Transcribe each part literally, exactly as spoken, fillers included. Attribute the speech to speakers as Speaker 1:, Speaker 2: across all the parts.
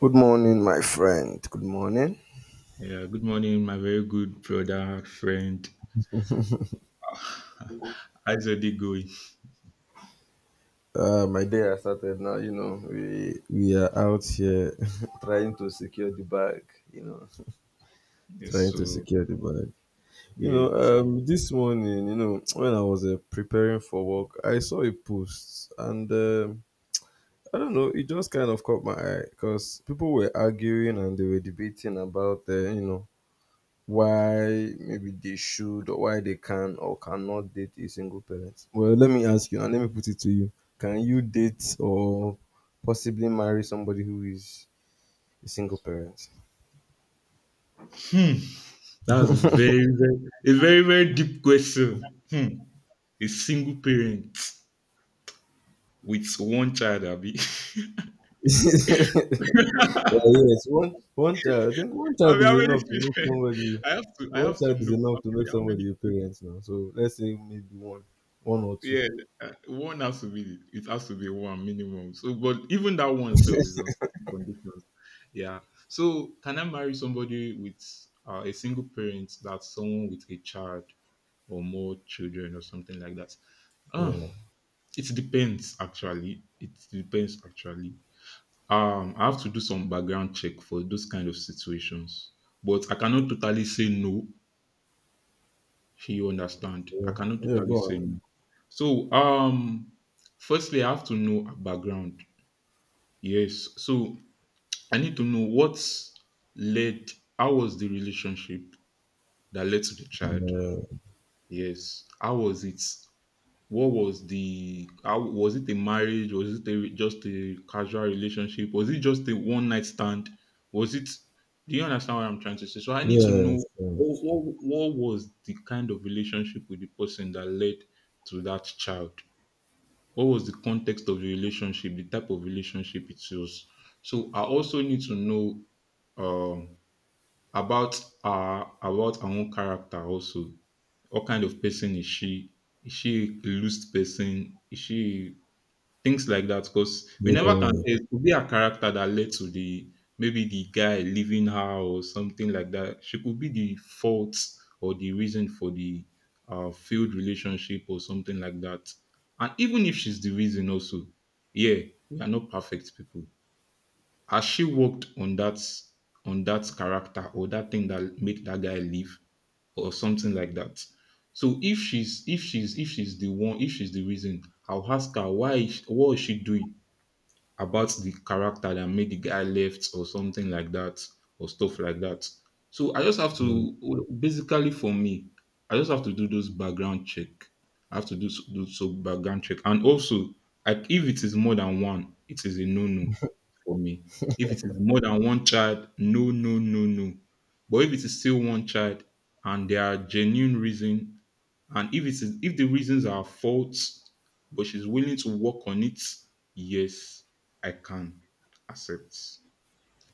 Speaker 1: Good morning, my friend. Good morning.
Speaker 2: Yeah, good morning, my very good brother, friend. How's your day going?
Speaker 1: Uh, my day has started now. You know, we we are out here trying to secure the bag. You know,
Speaker 2: Yes,
Speaker 1: trying to
Speaker 2: so
Speaker 1: secure the bag. You know,
Speaker 2: yes.
Speaker 1: um, this morning, you know, when I was uh, preparing for work, I saw a post, and um, I don't know, it just kind of caught my eye because people were arguing and they were debating about, uh, you know, why maybe they should or why they can or cannot date a single parent. Well, let me ask you and let me put it to you. Can you date or possibly marry somebody who is a single parent?
Speaker 2: That's a very, very a very, very deep question. Hmm. A single parent with one child, Abby.
Speaker 1: Yeah, yes, one one child. I think one
Speaker 2: I
Speaker 1: child
Speaker 2: mean,
Speaker 1: is
Speaker 2: how many
Speaker 1: enough to make
Speaker 2: children?
Speaker 1: somebody.
Speaker 2: I have to I
Speaker 1: One
Speaker 2: have to
Speaker 1: child is
Speaker 2: know how
Speaker 1: enough to
Speaker 2: many
Speaker 1: make
Speaker 2: how
Speaker 1: somebody
Speaker 2: many
Speaker 1: a parent now. So let's say maybe one, one or two.
Speaker 2: Yeah, uh, one has to be it has to be one minimum. So, but even that one itself is on certain conditions. Yeah. So, can I marry somebody with uh, a single parent, that's someone with a child or more children or something like that? Ah,
Speaker 1: Yeah,
Speaker 2: it depends actually. It depends actually. Um, I have to do some background check for those kind of situations, but I cannot totally say no, you understand. I
Speaker 1: yeah,
Speaker 2: cannot
Speaker 1: yeah.
Speaker 2: totally
Speaker 1: Go
Speaker 2: say
Speaker 1: on.
Speaker 2: no. So, um, firstly, I have to know her background. Yes. So I need to know what's led. How was the relationship that led to the child?
Speaker 1: Yeah,
Speaker 2: Yes. How was it? What was the How was it? A marriage? Was it a, just a casual relationship? Was it just a one night stand? Was it? Do you understand what I'm trying to say? So I need to know
Speaker 1: yes,
Speaker 2: what, what, what was the kind of relationship with the person that led to that child? What was the context of the relationship? The type of relationship it was. So I also need to know. Um, about her, about her own character also. What kind of person is she? Is she a loose person? Is she, things like that? Because we
Speaker 1: yes,
Speaker 2: never can say. It could be a character that led to the maybe the guy leaving her or something like that. She could be the fault or the reason for the uh, failed relationship or something like that. And even if she's the reason also, yeah, we are not perfect people. Has she worked on that, on that character or that thing that made that guy leave or something like that? So if she's if she's if she's the one if she's the reason, I'll ask her, why is- what is she doing about the character that made the guy left or something like that or stuff like that. So I just have
Speaker 1: yes.
Speaker 2: to, basically for me, I just have to do those background check. I have to do s- do so background check, and also, like, if it is more than one, it is a no no for me. If it is more than one child, no no no no. But if it is still one child and there are genuine reason, and if it is if the reasons are false, but she's willing to work on it, yes, I can accept.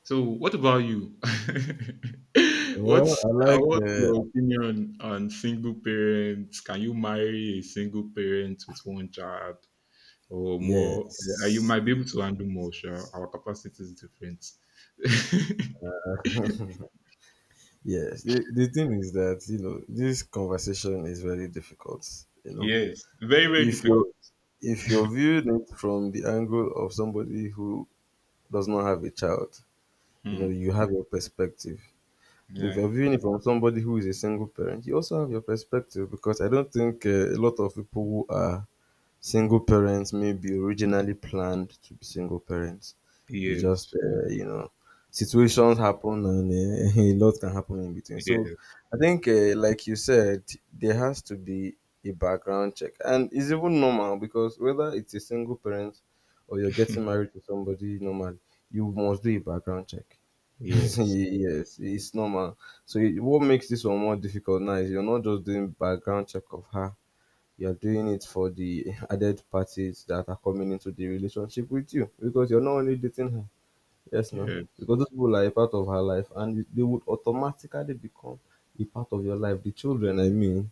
Speaker 2: So, what about you?
Speaker 1: Well,
Speaker 2: What's
Speaker 1: I
Speaker 2: uh,
Speaker 1: like
Speaker 2: what's
Speaker 1: uh,
Speaker 2: your opinion on single parents? Can you marry a single parent with one child or more? Uh, you
Speaker 1: yes,
Speaker 2: might be able to handle more. Sure, our capacity is different.
Speaker 1: yes. The, the thing is that you know this conversation is very difficult. You know,
Speaker 2: Yes, very very
Speaker 1: if you
Speaker 2: difficult.
Speaker 1: if you're viewing it from the angle of somebody who does not have a child, you know,
Speaker 2: Hmm.
Speaker 1: you have your perspective. But if
Speaker 2: Yeah.
Speaker 1: you're viewing it from somebody who is a single parent, you also have your perspective because I don't think uh, a lot of people who are single parents may be originally planned to be single parents. It's just,
Speaker 2: Yes. Yes.
Speaker 1: uh, you know,
Speaker 2: Yes.
Speaker 1: situations happen and uh, a lot can happen in between. So
Speaker 2: Yes.
Speaker 1: I
Speaker 2: Yes.
Speaker 1: think, uh, like you said, there has to be a background check. And it's even normal because whether it's a single parent or you're getting married to somebody normal, you must do a background check.
Speaker 2: Yes.
Speaker 1: Yes, it's normal. So it, what makes this one more difficult now is you're not just doing background check of her, you're doing it for the added parties that are coming into the relationship with you because you're not only dating her. Yes, now,
Speaker 2: Yeah.
Speaker 1: because those people are a part of her life and they would automatically become a part of your life. The children, I mean.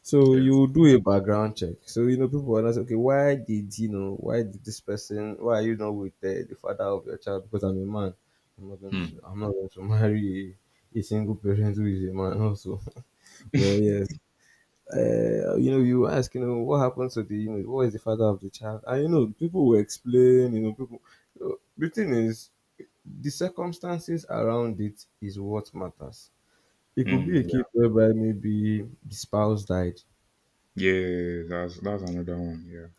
Speaker 1: So
Speaker 2: Yeah.
Speaker 1: you do a background check. So you know people are not okay. Why did you know? Why did this person? Why are you not with the, the father of your child? Because I'm a man. I'm not going to.
Speaker 2: Hmm.
Speaker 1: I'm not going to marry a, a single parent who is a man also. Well, yes, uh, you know, you ask, you know, what happened to the, you know, what is the father of the child? And, you know, people will explain, you know, people. So the thing is, the circumstances around it is what matters. It could be
Speaker 2: Hmm.
Speaker 1: a
Speaker 2: Yeah.
Speaker 1: case whereby maybe the spouse died,
Speaker 2: Yeah. That's that's another one.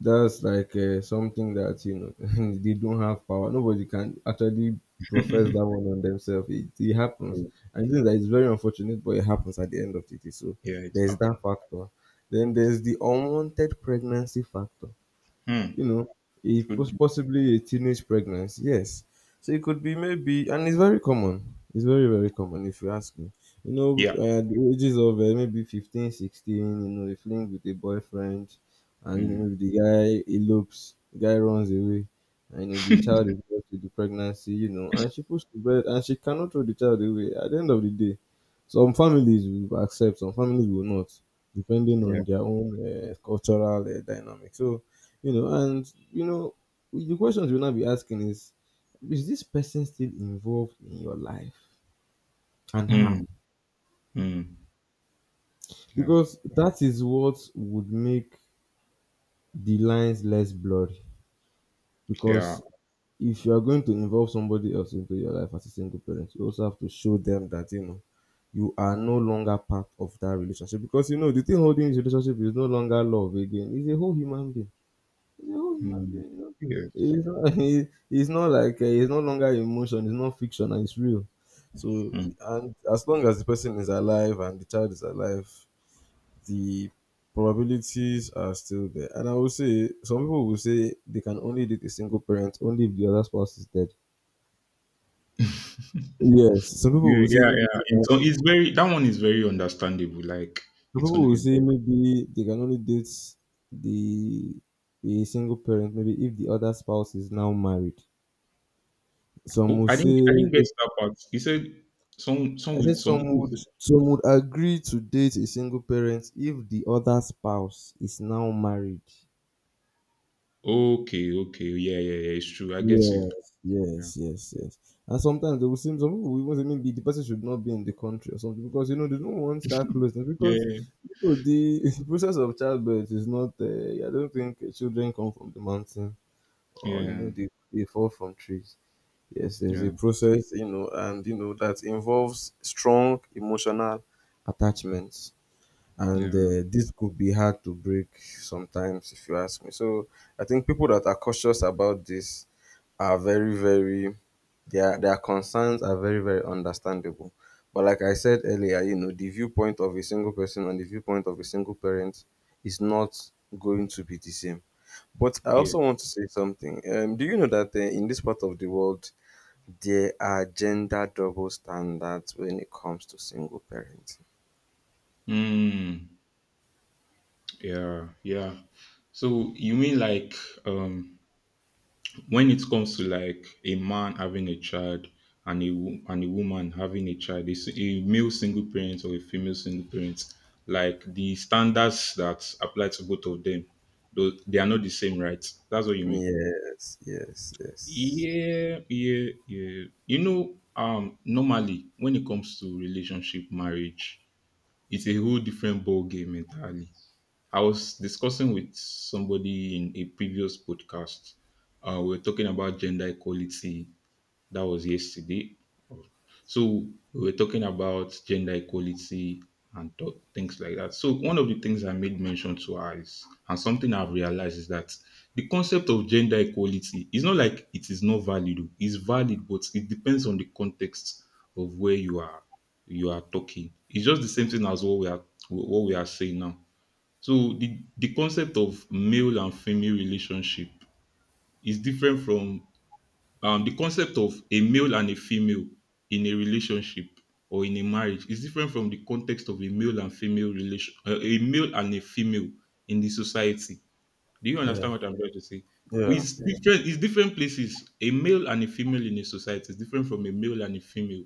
Speaker 1: that's like uh, something that you know they don't have power, nobody can actually profess that one on themselves, it, it happens,
Speaker 2: Yeah.
Speaker 1: and things that is very unfortunate, but it happens at the end of the day. So
Speaker 2: Yeah, it's
Speaker 1: there's that
Speaker 2: happened.
Speaker 1: factor, then there's the unwanted pregnancy factor.
Speaker 2: Mm.
Speaker 1: You know, a pos-
Speaker 2: Good.
Speaker 1: possibly a teenage pregnancy. Yes, so it could be maybe, and it's very common. It's very, very common if you ask me. You know,
Speaker 2: Yeah.
Speaker 1: uh, the ages of uh, maybe fifteen, sixteen. You know, they fling with a boyfriend, and you
Speaker 2: Mm.
Speaker 1: know maybe the guy elopes, the guy runs away, and you know the child is left with the pregnancy. You know, and she puts to bed, and she cannot throw the child away. At the end of the day, some families will accept, some families will not, depending
Speaker 2: Yeah.
Speaker 1: on their own uh, cultural uh, dynamic. So you know, and you know the questions you'll now be asking is is this person still involved in your life, and how,
Speaker 2: Mm. Mm. Yeah.
Speaker 1: because that is what would make the lines less blurry,
Speaker 2: Yeah.
Speaker 1: because if you are going to involve somebody else into your life as a single parent, you also have to show them that, you know, you are no longer part of that relationship, because you know the thing holding this relationship is no longer love again, it's a whole human being. No, it's not
Speaker 2: Mm.
Speaker 1: real. No.
Speaker 2: Yes.
Speaker 1: It's not, he- it's not like uh, it's no longer emotion. It's not fiction, and it's real. So,
Speaker 2: Mm.
Speaker 1: and as long as the person is alive and the child is alive, the probabilities are still there. And I will say, some people will say they can only date a single parent only if the other spouse is dead. Yes, some people
Speaker 2: Yeah.
Speaker 1: will say
Speaker 2: Yeah.
Speaker 1: maybe
Speaker 2: Yeah.
Speaker 1: they can,
Speaker 2: It's it's very, that one is very understandable. Like,
Speaker 1: some
Speaker 2: it's
Speaker 1: people
Speaker 2: only,
Speaker 1: will
Speaker 2: it's
Speaker 1: say
Speaker 2: very.
Speaker 1: maybe they can only date the a single parent maybe if the other spouse is now married. Some
Speaker 2: Oh,
Speaker 1: will
Speaker 2: I didn't
Speaker 1: say
Speaker 2: I didn't get
Speaker 1: they
Speaker 2: that part. He said, some some
Speaker 1: I said
Speaker 2: will- some
Speaker 1: some
Speaker 2: people.
Speaker 1: would,
Speaker 2: Say,
Speaker 1: some would agree to date a single parent if the other spouse is now married.
Speaker 2: okay. Okay. Yeah. Yeah. Yeah. It's true. I get you.
Speaker 1: Yes,
Speaker 2: Yeah.
Speaker 1: yes, yes, yes. And sometimes they will seem, some people will even say maybe the person should not be in the country or something because you know they don't want that closeness, because
Speaker 2: Yeah.
Speaker 1: you know, the, the process of childbirth is not. Uh, I don't think children come from the mountain or you know
Speaker 2: Yeah.
Speaker 1: they they fall from trees. Yes, there's a
Speaker 2: Yeah.
Speaker 1: process, you know, and you know that involves strong emotional attachments. And
Speaker 2: Yeah.
Speaker 1: uh, this could be hard to break sometimes if you ask me. So I think people that are cautious about this are very, very, their their concerns are very, very understandable, but like I said earlier, you know, the viewpoint of a single person and the viewpoint of a single parent is not going to be the same. But I
Speaker 2: Yeah.
Speaker 1: also want to say something. Um, do you know that uh, in this part of the world there are gender double standards when it comes to single parents?
Speaker 2: Mm. Yeah. Yeah. So you mean, like, um when it comes to, like, a man having a child and a wo- and a woman having a child, a, s- a male single parent or a female single parent, like, the standards that apply to both of them, though, they are not the same, right? That's what you mean.
Speaker 1: Yes, yes, yes.
Speaker 2: Yeah, yeah, yeah. You know, um, normally, when it comes to relationship, marriage, it's a whole different ball game entirely. I was discussing with somebody in a previous podcast. Uh, we were talking about gender equality. That was yesterday. So we were talking about gender equality and th- things like that. So one of the things I made mention to her is, and something I've realized, is that the concept of gender equality is not like it is not valid. Oh. It's valid, but it depends on the context of where you are you are talking. It's just the same thing as what we are what we are saying now. So the the concept of male and female relationship is different from, um, the concept of a male and a female in a relationship or in a marriage is different from the context of a male and female relation, uh, a male and a female in the society. Do you
Speaker 1: Yeah,
Speaker 2: understand what I'm trying to say?
Speaker 1: yeah,
Speaker 2: It's, Yeah. different. It's different places. A male and a female in a society is different from a male and a female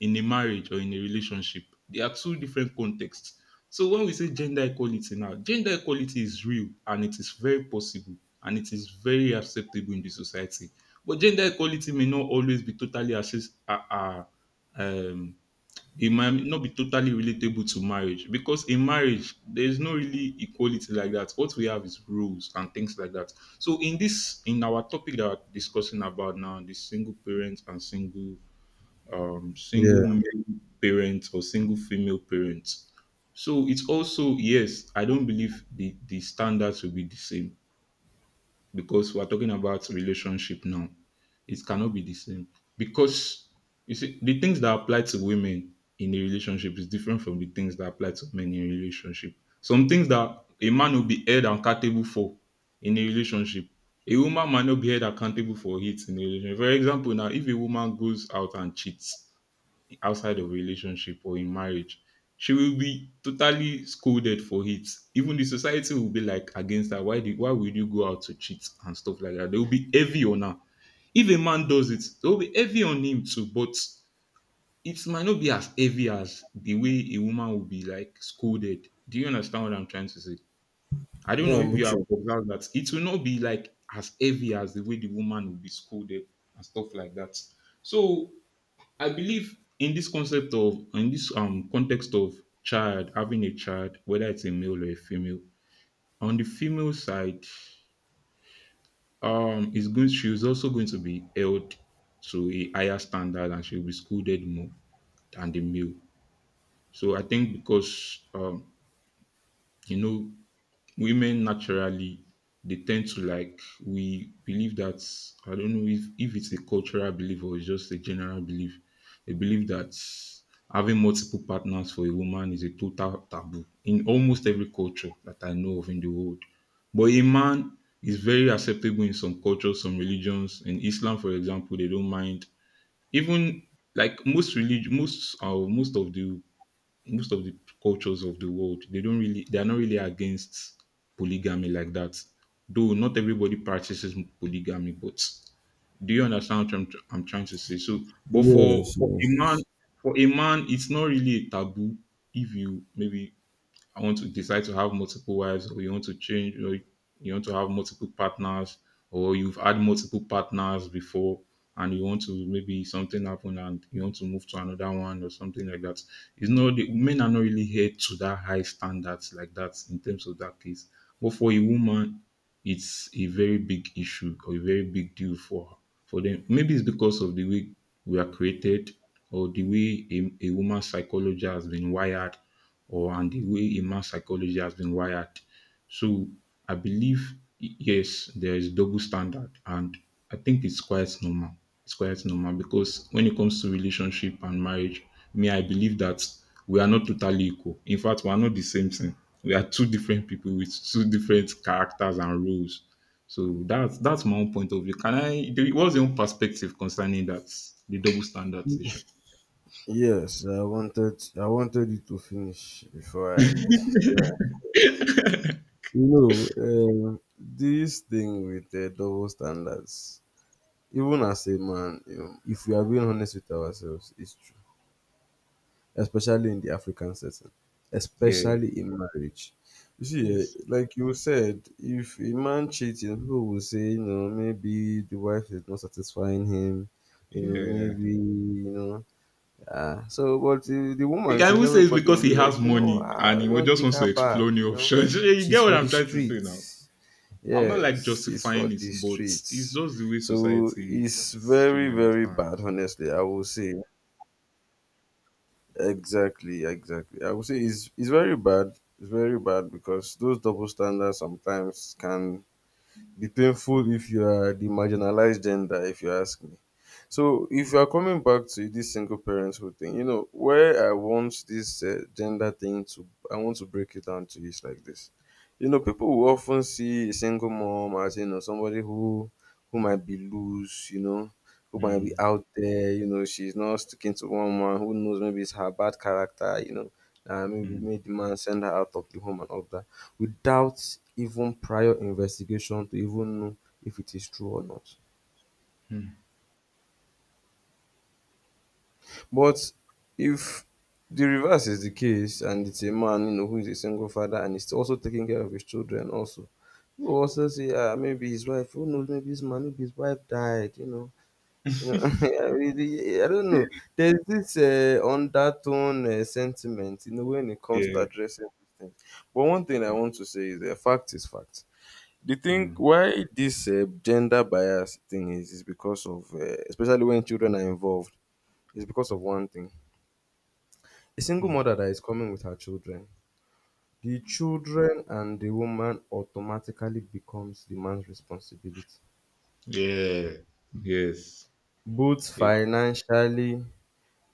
Speaker 2: in a marriage or in a relationship. They are two different contexts. So when we say gender equality now, gender equality is real and it is very possible and it is very acceptable in the society. But gender equality may not always be totally access, uh, uh, um, it might not be totally relatable to marriage, because in marriage there's no really equality like that. What we have is rules and things like that. So in this, in our topic that we're discussing about now, the single parents and single um
Speaker 1: yeah,
Speaker 2: single male parents or single female parents. So it's also, yes, I don't believe the the standards will be the same, because we're talking about relationship now. It cannot be the same, because you see, the things that apply to women in a relationship is different from the things that apply to men in a relationship. Some things that a man will be held accountable for in a relationship, a woman might not be held accountable for it in a relationship. For example, now, if a woman goes out and cheats, outside of relationship or in marriage, she will be totally scolded for it. Even the society will be like against her. Why did why would you go out to cheat and stuff like that? They will be heavy on her. If a man does it, they will be heavy on him too, but it might not be as heavy as the way a woman will be like scolded. Do you understand what I'm trying to say? I don't
Speaker 1: yeah.
Speaker 2: know
Speaker 1: I'm
Speaker 2: if you
Speaker 1: with
Speaker 2: have
Speaker 1: you.
Speaker 2: observed that. It will not be like as heavy as the way the woman will be scolded and stuff like that. So I believe in this concept of in this um context of child having a child, whether it's a male or a female. On the female side, um, is going she's also going to be held to a higher standard and she'll be scolded more than the male. So I think, because um, you know women naturally they tend to like, we believe that, I don't know if, if it's a cultural belief or it's just a general belief. They believe that having multiple partners for a woman is a total taboo in almost every culture that I know of in the world. But a man is very acceptable in some cultures, some religions. In Islam, for example, they don't mind. Even, like, most religion, most uh, most of the most of the cultures of the world, they don't really they are not really against polygamy like that, though not everybody practices polygamy, but, do you understand what i'm, tr- I'm trying to say? So, but for,
Speaker 1: Yes,
Speaker 2: for a man,
Speaker 1: yes,
Speaker 2: for a man, it's not really a taboo. If you maybe I want to decide to have multiple wives, or you want to change, or you want to have multiple partners, or you've had multiple partners before, and you want to maybe something happen and you want to move to another one or something like that. It's not the men are not really here to that high standards like that in terms of that case. But for a woman, it's a very big issue or a very big deal for for them. Maybe it's because of the way we are created, or the way a, a woman's psychology has been wired, or and the way a man's psychology has been wired. So I believe, y- yes, there is double standard, and I think it's quite normal. It's quite normal, because when it comes to relationship and marriage, me, I believe that we are not totally equal. In fact, we are not the same thing. We are two different people with two different characters and roles. So that's that's my own point of view. Can I? do- What's your own perspective concerning that the double standard issue?
Speaker 1: yes, I wanted, I wanted you to finish before I Yeah. You know, um, this thing with the double standards, even as a man, you know, if we are being honest with ourselves, it's true. Especially in the African setting,
Speaker 2: Yeah.
Speaker 1: especially in marriage. You see, eh,
Speaker 2: Yes.
Speaker 1: like you said, if a man cheats, you know, people will say, you know, maybe the wife is not satisfying him, you know,
Speaker 2: Yeah.
Speaker 1: maybe, you know, ah. So, but the, the
Speaker 2: You
Speaker 1: woman
Speaker 2: can
Speaker 1: cheats,
Speaker 2: even say it's
Speaker 1: everybody
Speaker 2: because
Speaker 1: will be
Speaker 2: he has
Speaker 1: like, you know,
Speaker 2: money
Speaker 1: ah,
Speaker 2: and he wa-
Speaker 1: don't
Speaker 2: just
Speaker 1: take
Speaker 2: wants
Speaker 1: her
Speaker 2: to
Speaker 1: back,
Speaker 2: explore
Speaker 1: you
Speaker 2: new
Speaker 1: know,
Speaker 2: options. You get
Speaker 1: she's
Speaker 2: what
Speaker 1: for the
Speaker 2: I'm trying to say now.
Speaker 1: streets.
Speaker 2: I'm not like
Speaker 1: Yes, she's for
Speaker 2: justifying it,
Speaker 1: the
Speaker 2: but it's
Speaker 1: streets.
Speaker 2: just the way
Speaker 1: So
Speaker 2: society
Speaker 1: it's
Speaker 2: is. Sure,
Speaker 1: very,
Speaker 2: you
Speaker 1: very
Speaker 2: understand.
Speaker 1: bad, honestly, I will say. Exactly, exactly. I would say it's it's very bad. It's very bad because those double standards sometimes can be painful if you are the marginalized gender, if you ask me. So if you are coming back to this single parenthood thing, you know where I want this uh, gender thing to, I want to break it down to is like this. You know, people will often see a single mom as you know somebody who who might be loose, you know, who might be
Speaker 2: Mm,
Speaker 1: out there, you know, she's not sticking to one man. Who knows? Maybe it's her bad character, you know, uh, maybe
Speaker 2: mm,
Speaker 1: made the man send her out of the home and all that, without even prior investigation to even know if it is true or not.
Speaker 2: mm.
Speaker 1: But if the reverse is the case and it's a man, you know, who is a single father and is also taking care of his children also, you will also say, ah, maybe his wife, who knows, maybe his man, maybe his wife died, you know. You know, I really, I don't know. There's this uh, undertone uh, sentiment, you know, when it comes to
Speaker 2: Yeah.
Speaker 1: addressing these things. But one thing I want to say is, uh, fact is fact. The thing
Speaker 2: mm,
Speaker 1: why this uh, gender bias thing is is because of uh, especially when children are involved, is because of one thing. A single
Speaker 2: mm.
Speaker 1: mother that is coming with her children, the children and the woman automatically becomes the man's responsibility,
Speaker 2: Yeah. Yes.
Speaker 1: both
Speaker 2: Yeah.
Speaker 1: financially,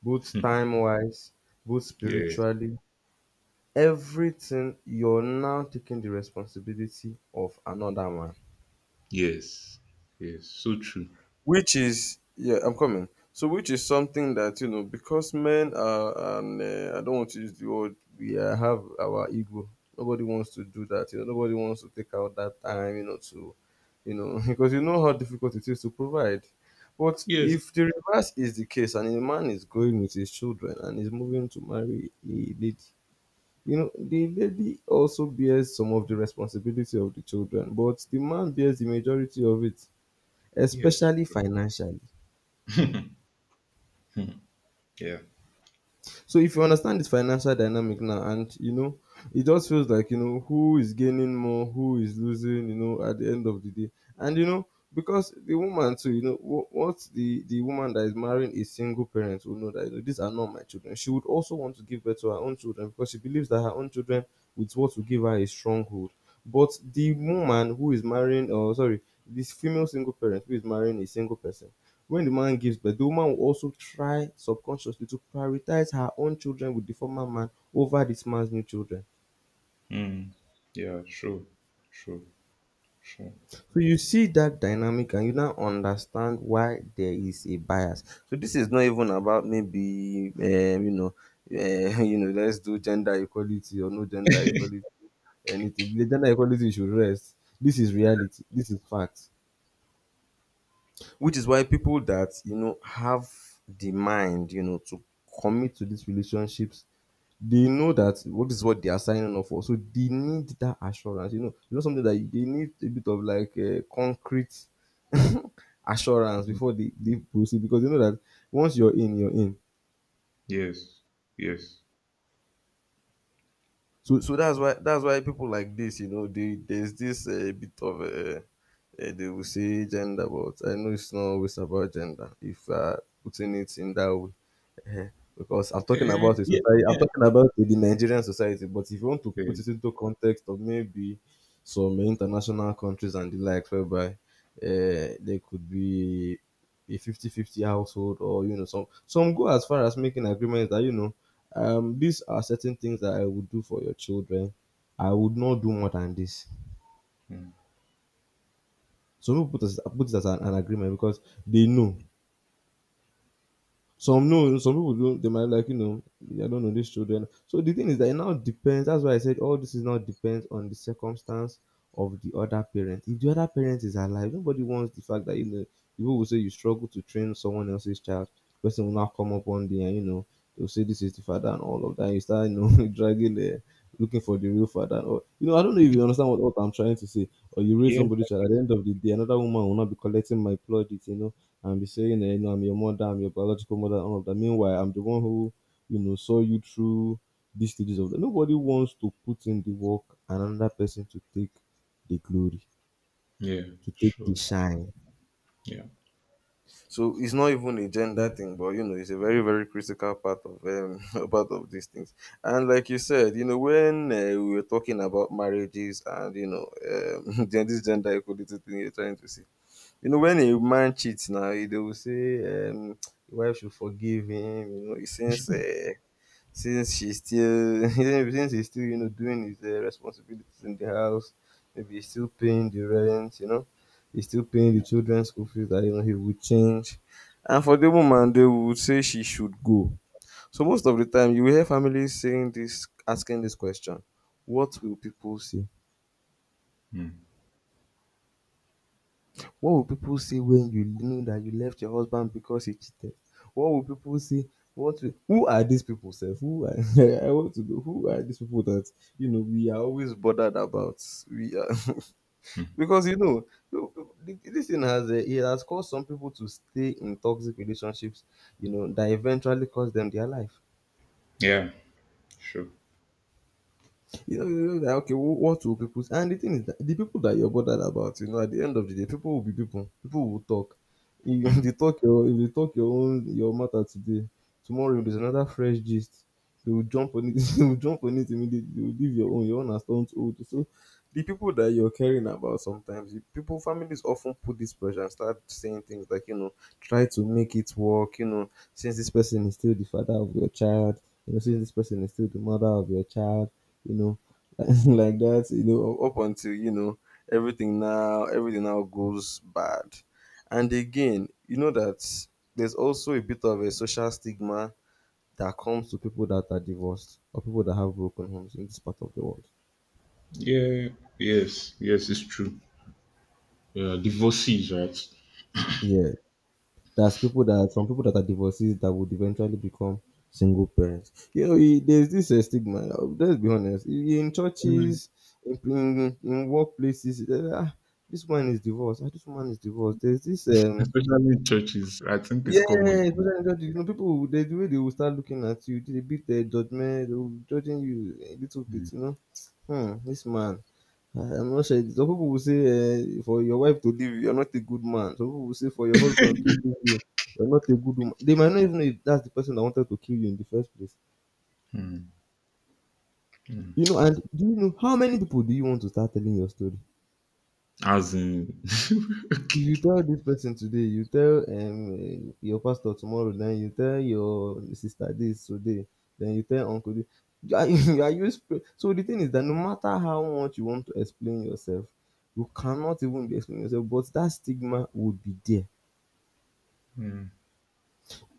Speaker 1: both time wise, both
Speaker 2: Yeah.
Speaker 1: spiritually, everything. You're now taking the responsibility of another man,
Speaker 2: Yes. Yes. So true.
Speaker 1: which is, yeah, I'm coming. So which is something that, you know, because men are and uh, I don't want to use the word, we uh, have our ego, nobody wants to do that, you know, nobody wants to take out that time, you know, to, you know, because you know how difficult it is to provide. But
Speaker 2: Yes.
Speaker 1: if the reverse is the case and a man is going with his children and is moving to marry a lady, you know the lady also bears some of the responsibility of the children, but the man bears the majority of it,
Speaker 2: Yes.
Speaker 1: especially financially.
Speaker 2: Yeah.
Speaker 1: So if you understand this financial dynamic now, and you know, it just feels like you know who is gaining more, who is losing. You know, at the end of the day, and you know because the woman too, you know, wh- what the the woman that is marrying a single parent will know that you know, these are not my children. She would also want to give birth to her own children because she believes that her own children with what will give her a stronghold. But the woman who is marrying, or sorry, this female single parent who is marrying a single person, when the man gives birth, the woman will also try subconsciously to prioritize her own children with the former man over this man's new children.
Speaker 2: Mm. Yeah. Sure. Sure. Sure.
Speaker 1: So you see that dynamic and you now understand why there is a bias. So this is not even about maybe um, you know, uh, you know, let's do gender equality or no gender equality, anything. The gender equality should rest. This is reality. This is fact. Which is why people that you know have the mind, you know, to commit to these relationships, they know that what is what they are signing up for. So they need that assurance. You know, you know something that you- they need a bit of like uh, concrete assurance before they, they proceed because you know that once you're in, you're in.
Speaker 2: Yes. Yes.
Speaker 1: So so that's why that's why people like this, you know, they there's this uh, bit of uh, uh, they will say gender, but I know it's not always about gender if uh, putting it in that way. Because I'm talking about
Speaker 2: Eh,
Speaker 1: the
Speaker 2: yeah.
Speaker 1: society, I'm
Speaker 2: Yeah.
Speaker 1: talking about the Nigerian society, but if you want to
Speaker 2: Yeah.
Speaker 1: put it into context of maybe some international countries and the likes whereby uh, there could be a fifty fifty household, or you know some some go as far as making agreements that you know um these are certain things that I would do for your children. I would not do more than this. Some people put, as, put it as an, an agreement because they know. Some no, some people don't. They might like you know, I don't know these children. So the thing is that it now depends. That's why I said all this is now depends on the circumstance of the other parent. If the other parent is alive, nobody wants the fact that you know people will say you struggle to train someone else's child. Person will now come up one day and you know they'll say this is the father and all of that. You start you know dragging the, looking for the real father. Or you know, I don't know if you understand what, what I'm trying to say. Or you raise
Speaker 2: Yes.
Speaker 1: somebody's child at the end of the day, another woman will not be collecting my plaudits. You know, and be saying, eh, you know, I'm your mother, I'm your biological mother, and all of that. Meanwhile, I'm the one who, you know, saw you through these stages of that. Nobody wants to put in the work and another person to take the glory,
Speaker 2: Yeah.
Speaker 1: to take the
Speaker 2: Sure.
Speaker 1: shine.
Speaker 2: Yeah.
Speaker 1: So it's not even a gender thing, but you know, it's a very, very critical part of um, part of these things. And like you said, you know, when uh, we were talking about marriages and you know, um, this gender equality thing you're trying to see, you know, when a man cheats now, eh, they will say um, the wife should forgive him. You know, since uh, since she's still since he's still you know doing his uh, responsibilities in the house, maybe he's still paying the rent. You know, he's still paying the children's school fees. That you know he would change. And for the woman, they would say she should go. So most of the time, you will hear families saying this, asking this question: What will people say?
Speaker 2: Mm.
Speaker 1: What will people say when you know that you left your husband because he cheated? What will people say? What will, who are these people? Sef? Who are, I want to know who are these people that you know we are always bothered about? We are because you know you- you- this thing has um it has caused some people to stay in toxic relationships, you know, that eventually cost them their life.
Speaker 2: Yeah. Sure.
Speaker 1: You know, you know that okay, wh- what will people say? And the thing is that the people that you're bothered about, you know, at the end of the day, people will be people. People will talk. If if they
Speaker 2: Mm.
Speaker 1: talk your if they talk your own, your matter today, tomorrow there's another fresh gist. They will jump on it. They will jump on it immediately. They will leave your own. Your own has turned old. So the people that you're caring about sometimes, you- people, families often put this pressure and start saying things like, you know, try to make it work, you know, since this person is still the father of your child, you know, since this person is still the mother of your child, you know, like that, you know, up until you know everything now, everything now goes bad. And again, you know that there's also a bit of a social stigma that comes to people that are divorced or people that have broken homes in this part of the world.
Speaker 2: Yeah. Yes. Yes. It's true. Yeah. Divorcees, right?
Speaker 1: Yeah, there's people that, some people that are divorcees that would eventually become single parents. You know, e- there's this uh, stigma. uh, Let's be honest. E- In
Speaker 2: Mm,
Speaker 1: churches, in in, in workplaces, eh, ah, this one is divorced. Ah, this woman is divorced. There's this um
Speaker 2: Especially in churches, I think it's
Speaker 1: yes,
Speaker 2: common.
Speaker 1: people trying judge you. You know, people, there's the way they will start looking at you, they beat their judgment, they will be judging you a little bit, you know. Hmm, this man. I- I'm not sure. Some people will say, uh, for your wife to leave you, you're not a good man. Some people will say, for your husband to leave you, you're not a good woman. They might not even know if that's the person that wanted to kill you in the first place. You know, and do you know how many people do you want to start telling your story?
Speaker 2: As in,
Speaker 1: If you tell this person today, you tell um your pastor tomorrow, then you tell your sister this today, then you tell uncle this. You Are you, are you sp- so the thing is that no matter how much you want to explain yourself, you cannot even be explaining yourself, but that stigma would be there.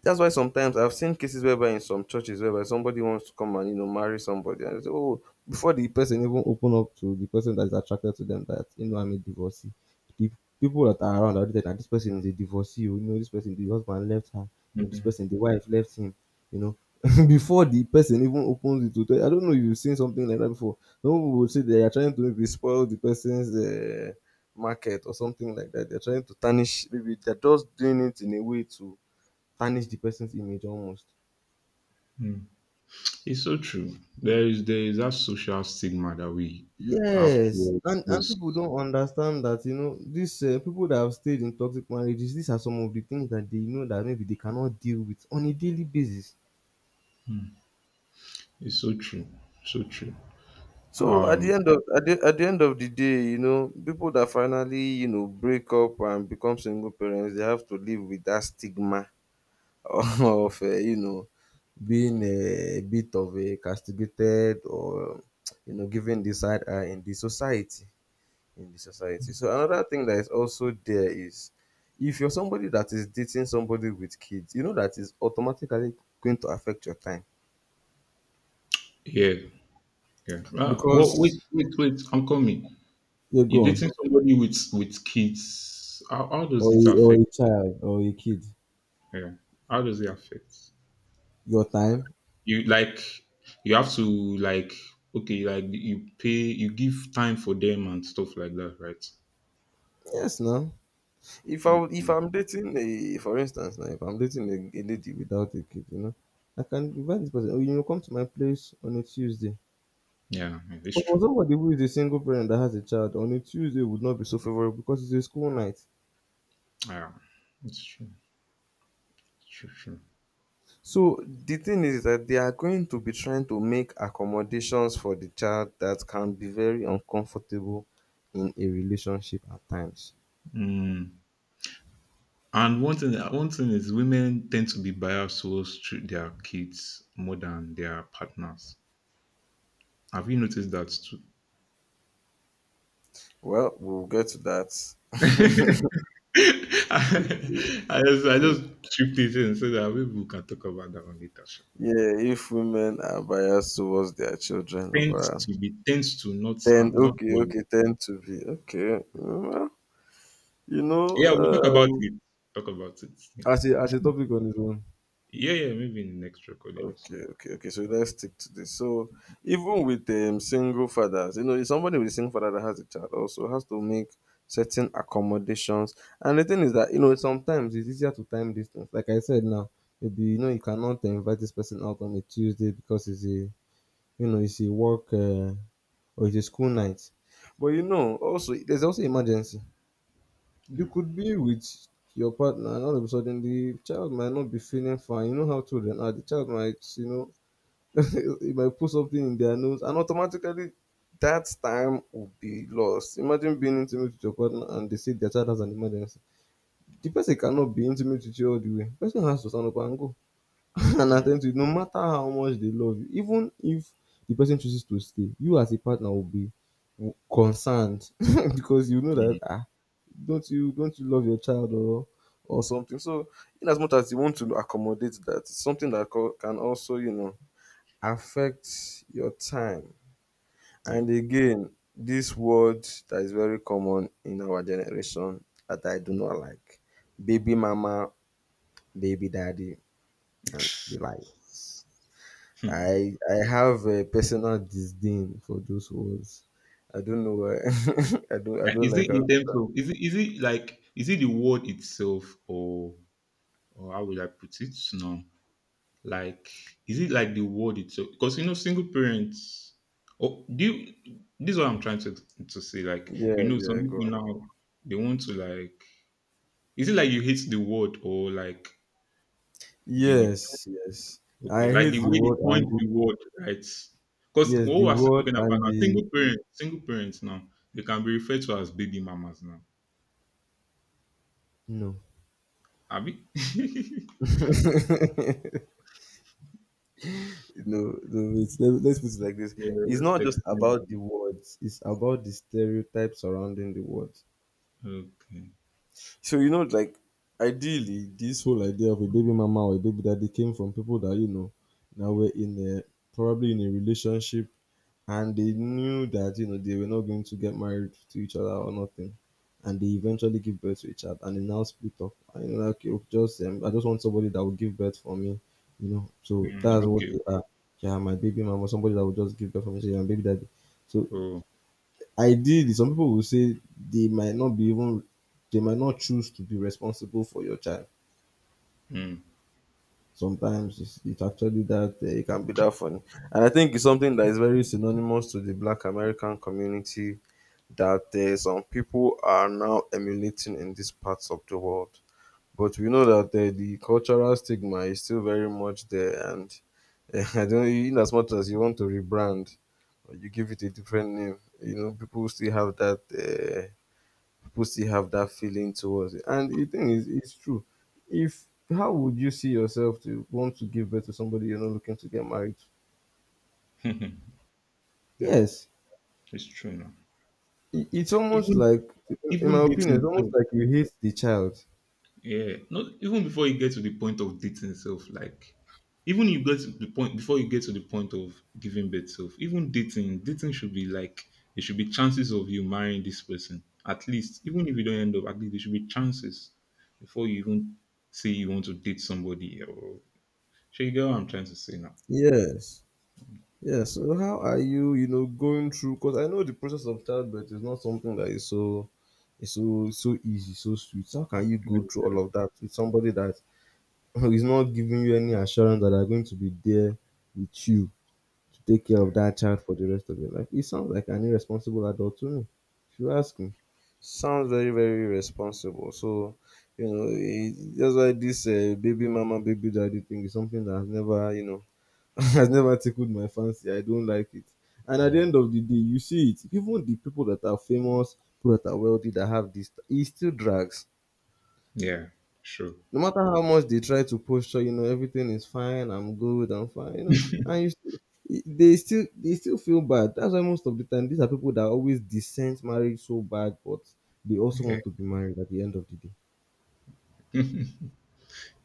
Speaker 1: That's why sometimes I've seen cases whereby in some churches whereby somebody wants to come and you know marry somebody and they say, oh, before the person even open up to the person that is attracted to them that you know I'm a divorcee, the people that are around are already like, "Ah, this person is a divorcee. Oh, you know, this person the husband left her. You know, this person the wife left him. You know, before the person even opens it to tell, I don't know if you've seen something like that before. Some people would say they are trying to maybe spoil the person's. Uh, market or something like that. They're trying to tarnish. Maybe they're just doing it in a way to tarnish the person's image almost.
Speaker 2: it's so true. There is there is that social stigma that we have
Speaker 1: Yes,
Speaker 2: towards
Speaker 1: and and people
Speaker 2: those.
Speaker 1: don't understand that you know these uh, people that have stayed in toxic marriages. These are some of the things that they know that maybe they cannot deal with on a daily basis.
Speaker 2: It's so true. So true.
Speaker 1: So at the end of at the, at the end of the day, you know, people that finally you know break up and become single parents, they have to live with that stigma of uh, you know being a bit of a castigated or you know given the side eye in the society. in the society. So another thing that is also there is if you're somebody that is dating somebody with kids, you know that is automatically going to affect your time.
Speaker 2: Yeah. Yeah. Uh, well,
Speaker 1: Because,
Speaker 2: wait, wait, wait. I'm coming.
Speaker 1: yeah, go
Speaker 2: You
Speaker 1: on.
Speaker 2: dating somebody with with kids. How, how
Speaker 1: Or
Speaker 2: does it
Speaker 1: a, or
Speaker 2: affect?
Speaker 1: a child or a kid.
Speaker 2: Yeah. How does it affect?
Speaker 1: Your time.
Speaker 2: You like, you have to like, okay, like you pay, you give time for them and stuff like that, right?
Speaker 1: Yes now. If I would-
Speaker 2: Okay.
Speaker 1: if I'm dating a, for instance now, if I'm dating a, a lady without a kid, you know, I can invite this person, oh you know, come to my place on a Tuesday.
Speaker 2: Yeah, yeah, it's
Speaker 1: But for
Speaker 2: true.
Speaker 1: somebody who is a single parent that has a child, on a Tuesday would not be so favorable because it's a school night.
Speaker 2: Yeah, it's true. It's true, true.
Speaker 1: So the thing is that they are going to be trying to make accommodations for the child that can be very uncomfortable in a relationship at times.
Speaker 2: Mm. And one thing one thing is, women tend to be biased towards tr- their kids more than their partners. Have you noticed that too?
Speaker 1: Well, we'll get to that.
Speaker 2: I I just, I
Speaker 1: Mm,
Speaker 2: just tripped it in so that maybe we can talk about that one later, sha.
Speaker 1: yeah, if women are biased towards their children over,
Speaker 2: Tends to be, tends to, not
Speaker 1: tend,
Speaker 2: I'm not
Speaker 1: okay, okay,
Speaker 2: worried.
Speaker 1: tend to be okay. mm, well, You know,
Speaker 2: Yeah, we'll talk about
Speaker 1: um,
Speaker 2: it. Talk about it. Yeah,
Speaker 1: As a as a topic on its own.
Speaker 2: yeah, yeah maybe in the next recording or so.
Speaker 1: Okay, okay, okay. So let's stick to this. So even with um, single fathers, you know, if somebody with a single father that has a child also has to make certain accommodations. And the thing is that you know sometimes it's easier to time these things. Like I said now, maybe you know you cannot invite this person out on a Tuesday because it's a you know it's a work uh, or it's a school night. But you know, also there's also emergency. You
Speaker 2: Yeah,
Speaker 1: could be with your partner and all of a sudden the child might not be feeling fine. You know how children are. The child might, you know, you might put something in their nose and automatically that time will be lost. Imagine being intimate with your partner and they say their child has an emergency. The person cannot be intimate with you all the way. The person has to stand up and go and
Speaker 2: yeah,
Speaker 1: attend to it no matter how much they love you. Even if the person chooses to stay, you as a partner will be w- concerned. Because you know that
Speaker 2: Mm,
Speaker 1: ah, don't you don't you love your child or or something. So in as much as you want to accommodate that, it's something that co- can also, you know, affects your time.
Speaker 2: yeah.
Speaker 1: And again, this word that is very common in our generation that I do not like, baby mama, baby daddy, and the likes. I, I have a personal disdain for those words. I don't know why. I don't I
Speaker 2: Now,
Speaker 1: don't
Speaker 2: is
Speaker 1: like
Speaker 2: it
Speaker 1: how.
Speaker 2: in terms of, is it is it like, is it the word itself, or or how would I put it? No, like, is it like the word itself? Because you know, single parents. Oh, do you, this is what I'm trying to to say. Like you
Speaker 1: Yeah,
Speaker 2: know, some
Speaker 1: yeah, go
Speaker 2: people
Speaker 1: on.
Speaker 2: now they want to like. Is it like you hate the word, or like the,
Speaker 1: Yes, yes. I
Speaker 2: okay, like the
Speaker 1: hate the
Speaker 2: way they
Speaker 1: word
Speaker 2: coined
Speaker 1: and the,
Speaker 2: the word, right? Because
Speaker 1: yes,
Speaker 2: what
Speaker 1: the
Speaker 2: we're still
Speaker 1: word
Speaker 2: talking about
Speaker 1: and
Speaker 2: now,
Speaker 1: the,
Speaker 2: single parents, single parents now, they can be referred to as baby mamas now.
Speaker 1: no.
Speaker 2: Abi? Yeah,
Speaker 1: No, no, it's, let, let's put it like this. It's
Speaker 2: just
Speaker 1: not just
Speaker 2: explain.
Speaker 1: about the words, it's about the stereotype surrounding the words.
Speaker 2: Okay.
Speaker 1: So, you know, like, ideally, this whole idea of a baby mama or a baby daddy came from people that, you know, now we're in a, probably in a relationship and they knew that you know they were not going to get married to each other or nothing and they eventually give birth to each other, and they now split up and you know like okay, just um, I just want somebody that will give birth for me, you know, so
Speaker 2: Mm,
Speaker 1: that's what
Speaker 2: okay.
Speaker 1: you are. Yeah, my baby mama, somebody that will just give birth for me, so yeah, my baby daddy. So
Speaker 2: So,
Speaker 1: ideally some people will say they might not be even they might not choose to be responsible for your child.
Speaker 2: mm,
Speaker 1: Sometimes it's, it's actually that uh, it can be that funny, and I think it's something that is very synonymous to the Black American community that uh, some people are now emulating in these parts of the world. But we know that uh, the cultural stigma is still very much there, and uh, I don't. In as much as you want to rebrand, or you give it a different name, you know, people still have that. Uh, people still have that feeling towards it, and the thing is, it's true. If, how would you see yourself to want to give birth to somebody you're not looking to get married to?
Speaker 2: yeah,
Speaker 1: Yes,
Speaker 2: it's true now.
Speaker 1: I- it's almost
Speaker 2: Even
Speaker 1: like, in
Speaker 2: Even
Speaker 1: my opinion,
Speaker 2: dating
Speaker 1: it's almost
Speaker 2: itself,
Speaker 1: like you hate the child.
Speaker 2: yeah, not even before you get to the point of dating itself. Like, even you get to the point before you get to the point of giving birth self, even dating, dating should be like, there should be chances of you marrying this person. At least, even if you don't end up, at least there should be chances before you even say you want to date somebody or, so you get what I'm trying to say now.
Speaker 1: Yes. Yes. So how are you, you know, going through, because I know the process of childbirth is not something that is so, is so so easy, so sweet. So how can you go through all of that with somebody that is not giving you any assurance that they're going to be there with you to take care of
Speaker 2: Yeah.
Speaker 1: that child for the rest of your life? It sounds like an irresponsible adult to me, if you ask me. Sounds very, very responsible. So, you know, it, that's why this uh, baby mama, baby daddy thing is something that has never, you know, has never tickled my fancy. I don't like it. And at the
Speaker 2: Mhm.
Speaker 1: end of the day, you see it. Even the people that are famous, people that are wealthy, that have this, it still drags.
Speaker 2: Yeah, sure.
Speaker 1: No matter how much they try to posture, you know, everything is fine. I'm good. I'm fine. You know, and you still, they still they still feel bad. That's why most of the time, these are people that always dissent marriage so bad, but they also
Speaker 2: Yeah.
Speaker 1: want to be married at the end of the day.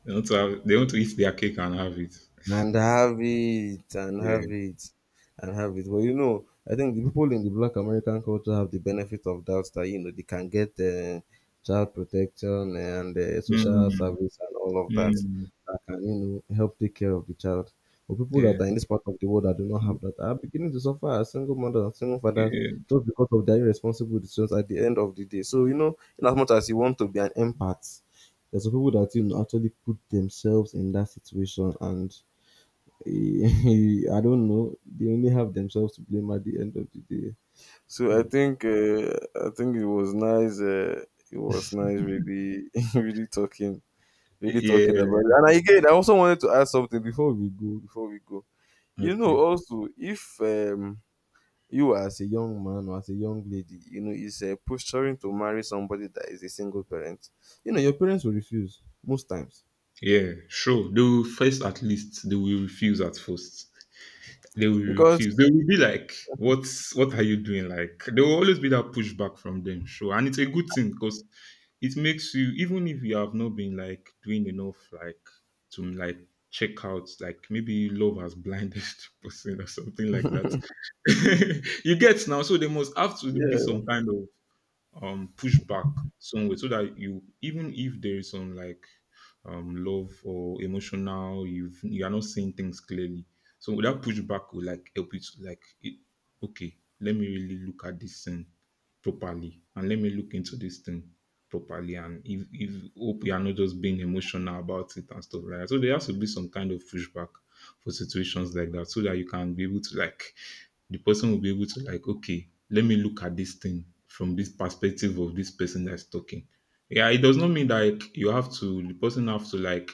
Speaker 2: They want to have, they want to eat their cake and have it.
Speaker 1: And have it, and have
Speaker 2: Yeah.
Speaker 1: it, and have it. But you know, I think the people in the Black American culture have the benefit of that, that you know they can get uh, child protection and uh, social
Speaker 2: Mm,
Speaker 1: service and all of that,
Speaker 2: mm,
Speaker 1: that can you know help take care of the child. But people that
Speaker 2: yeah.
Speaker 1: are in this part of the world that do not have that are beginning to suffer as single mothers and single fathers
Speaker 2: Yeah.
Speaker 1: just because of their irresponsible decisions at the end of the day. So you know, in as much as you want to be an empath, there's some people that you know actually put themselves in that situation, and I don't know. They only have themselves to blame at the end of the day. So I think uh, I think it was nice. Uh, it was nice, really, really talking, really
Speaker 2: Yeah.
Speaker 1: talking about it. And again, I also wanted to add something before we go. Before we go, you know,
Speaker 2: Okay.
Speaker 1: also if um, you as a young man or as a young lady, you know, is uh, posturing to marry somebody that is a single parent, you know, your parents will refuse most times
Speaker 2: Yeah, sure. They will first, at least they will refuse at first. They will refuse.
Speaker 1: because
Speaker 2: They will be like, "What's, what are you doing?" Like there will always be that pushback from them, sure. And it's a good thing because it makes you, even if you have not been like doing enough, like to like check out, like maybe love has blinded person or something like that. You get now, so they must have to be
Speaker 1: yeah,
Speaker 2: some kind of um pushback somewhere so that you, even if there is some like um love or emotional, you've, you are not seeing things clearly, so that pushback will like help you to like it, okay, let me really look at this thing properly, and let me look into this thing properly, and if, if hope you are not just being emotional about it and stuff like that, so there has to be some kind of pushback for situations like that, so that you can be able to like, the person will be able to like, okay, let me look at this thing from this perspective of this person that's talking. Yeah, it does not mean that like, you have to the person have to like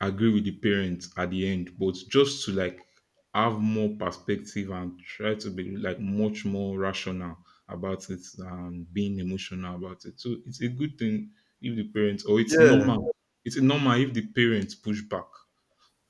Speaker 2: agree with the parents at the end, but just to like have more perspective and try to be like much more rational about it and being emotional about it. So it's a good thing if the parents, or it's
Speaker 1: yeah,
Speaker 2: normal. It's normal if the parents push back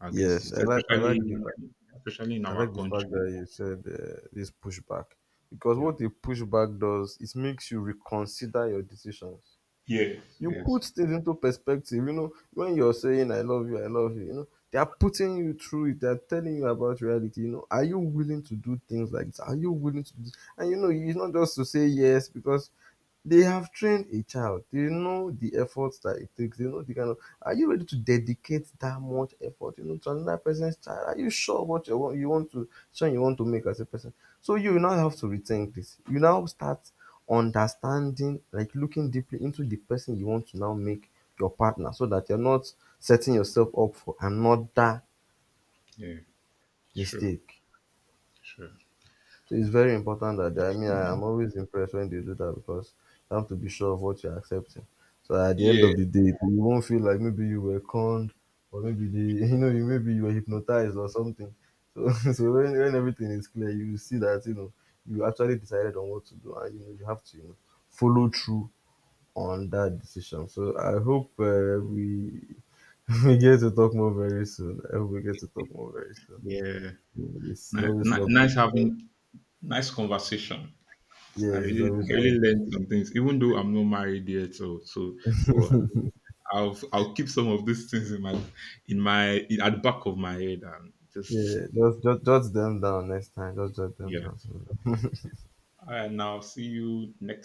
Speaker 2: against
Speaker 1: yes,
Speaker 2: it,
Speaker 1: I like, I like,
Speaker 2: especially
Speaker 1: the-
Speaker 2: especially in
Speaker 1: I
Speaker 2: our
Speaker 1: like the fact that
Speaker 2: country.
Speaker 1: you said uh, this pushback, because
Speaker 2: Yeah.
Speaker 1: what a pushback does, it makes you reconsider your decisions.
Speaker 2: Yeah.
Speaker 1: You
Speaker 2: Yes.
Speaker 1: put things into perspective. You know when you're saying "I love you, I love you," you know they are putting you through it. They are telling you about reality. You know, are you willing to do things like this? Are you willing to? Do. And you know, it's not just to say yes because they have trained a child. They know the effort that it takes. They know the kind of, are you ready to dedicate that much effort, you know, to another person's child? Are you sure what you want, you want to son, you want to make as a person? So you now have to rethink this. You now start understanding, like looking deeply into the person you want to now make your partner, so that you're not setting yourself up for another
Speaker 2: Yeah. Sure.
Speaker 1: mistake.
Speaker 2: Sure.
Speaker 1: So it's very important that they, I mean, I am always impressed when they do that because you have to be sure of what you're accepting. So at the end
Speaker 2: Yeah.
Speaker 1: of the day, you won't feel like maybe you were conned or maybe they, you know, you maybe you were hypnotized or something. So, so when, when everything is clear, you see that, you know, you actually decided on what to do, and, you know, you have to, you know, follow through on that decision. So I hope uh, we, we get to talk more very soon. I hope we get to talk more very soon.
Speaker 2: Yeah.
Speaker 1: It's, it's
Speaker 2: Ni-
Speaker 1: always
Speaker 2: ni-
Speaker 1: lovely.
Speaker 2: Nice having, nice conversation. I
Speaker 1: Yes, it's
Speaker 2: really,
Speaker 1: always
Speaker 2: I
Speaker 1: lovely.
Speaker 2: really learned some things, even though I'm not married yet. So, so, but I'll, I'll keep some of these things in my, in my, in, at the back of my head, and just
Speaker 1: Yeah, just just just them down next time. Just jot them
Speaker 2: yeah.
Speaker 1: down. So.
Speaker 2: And I'll see you next.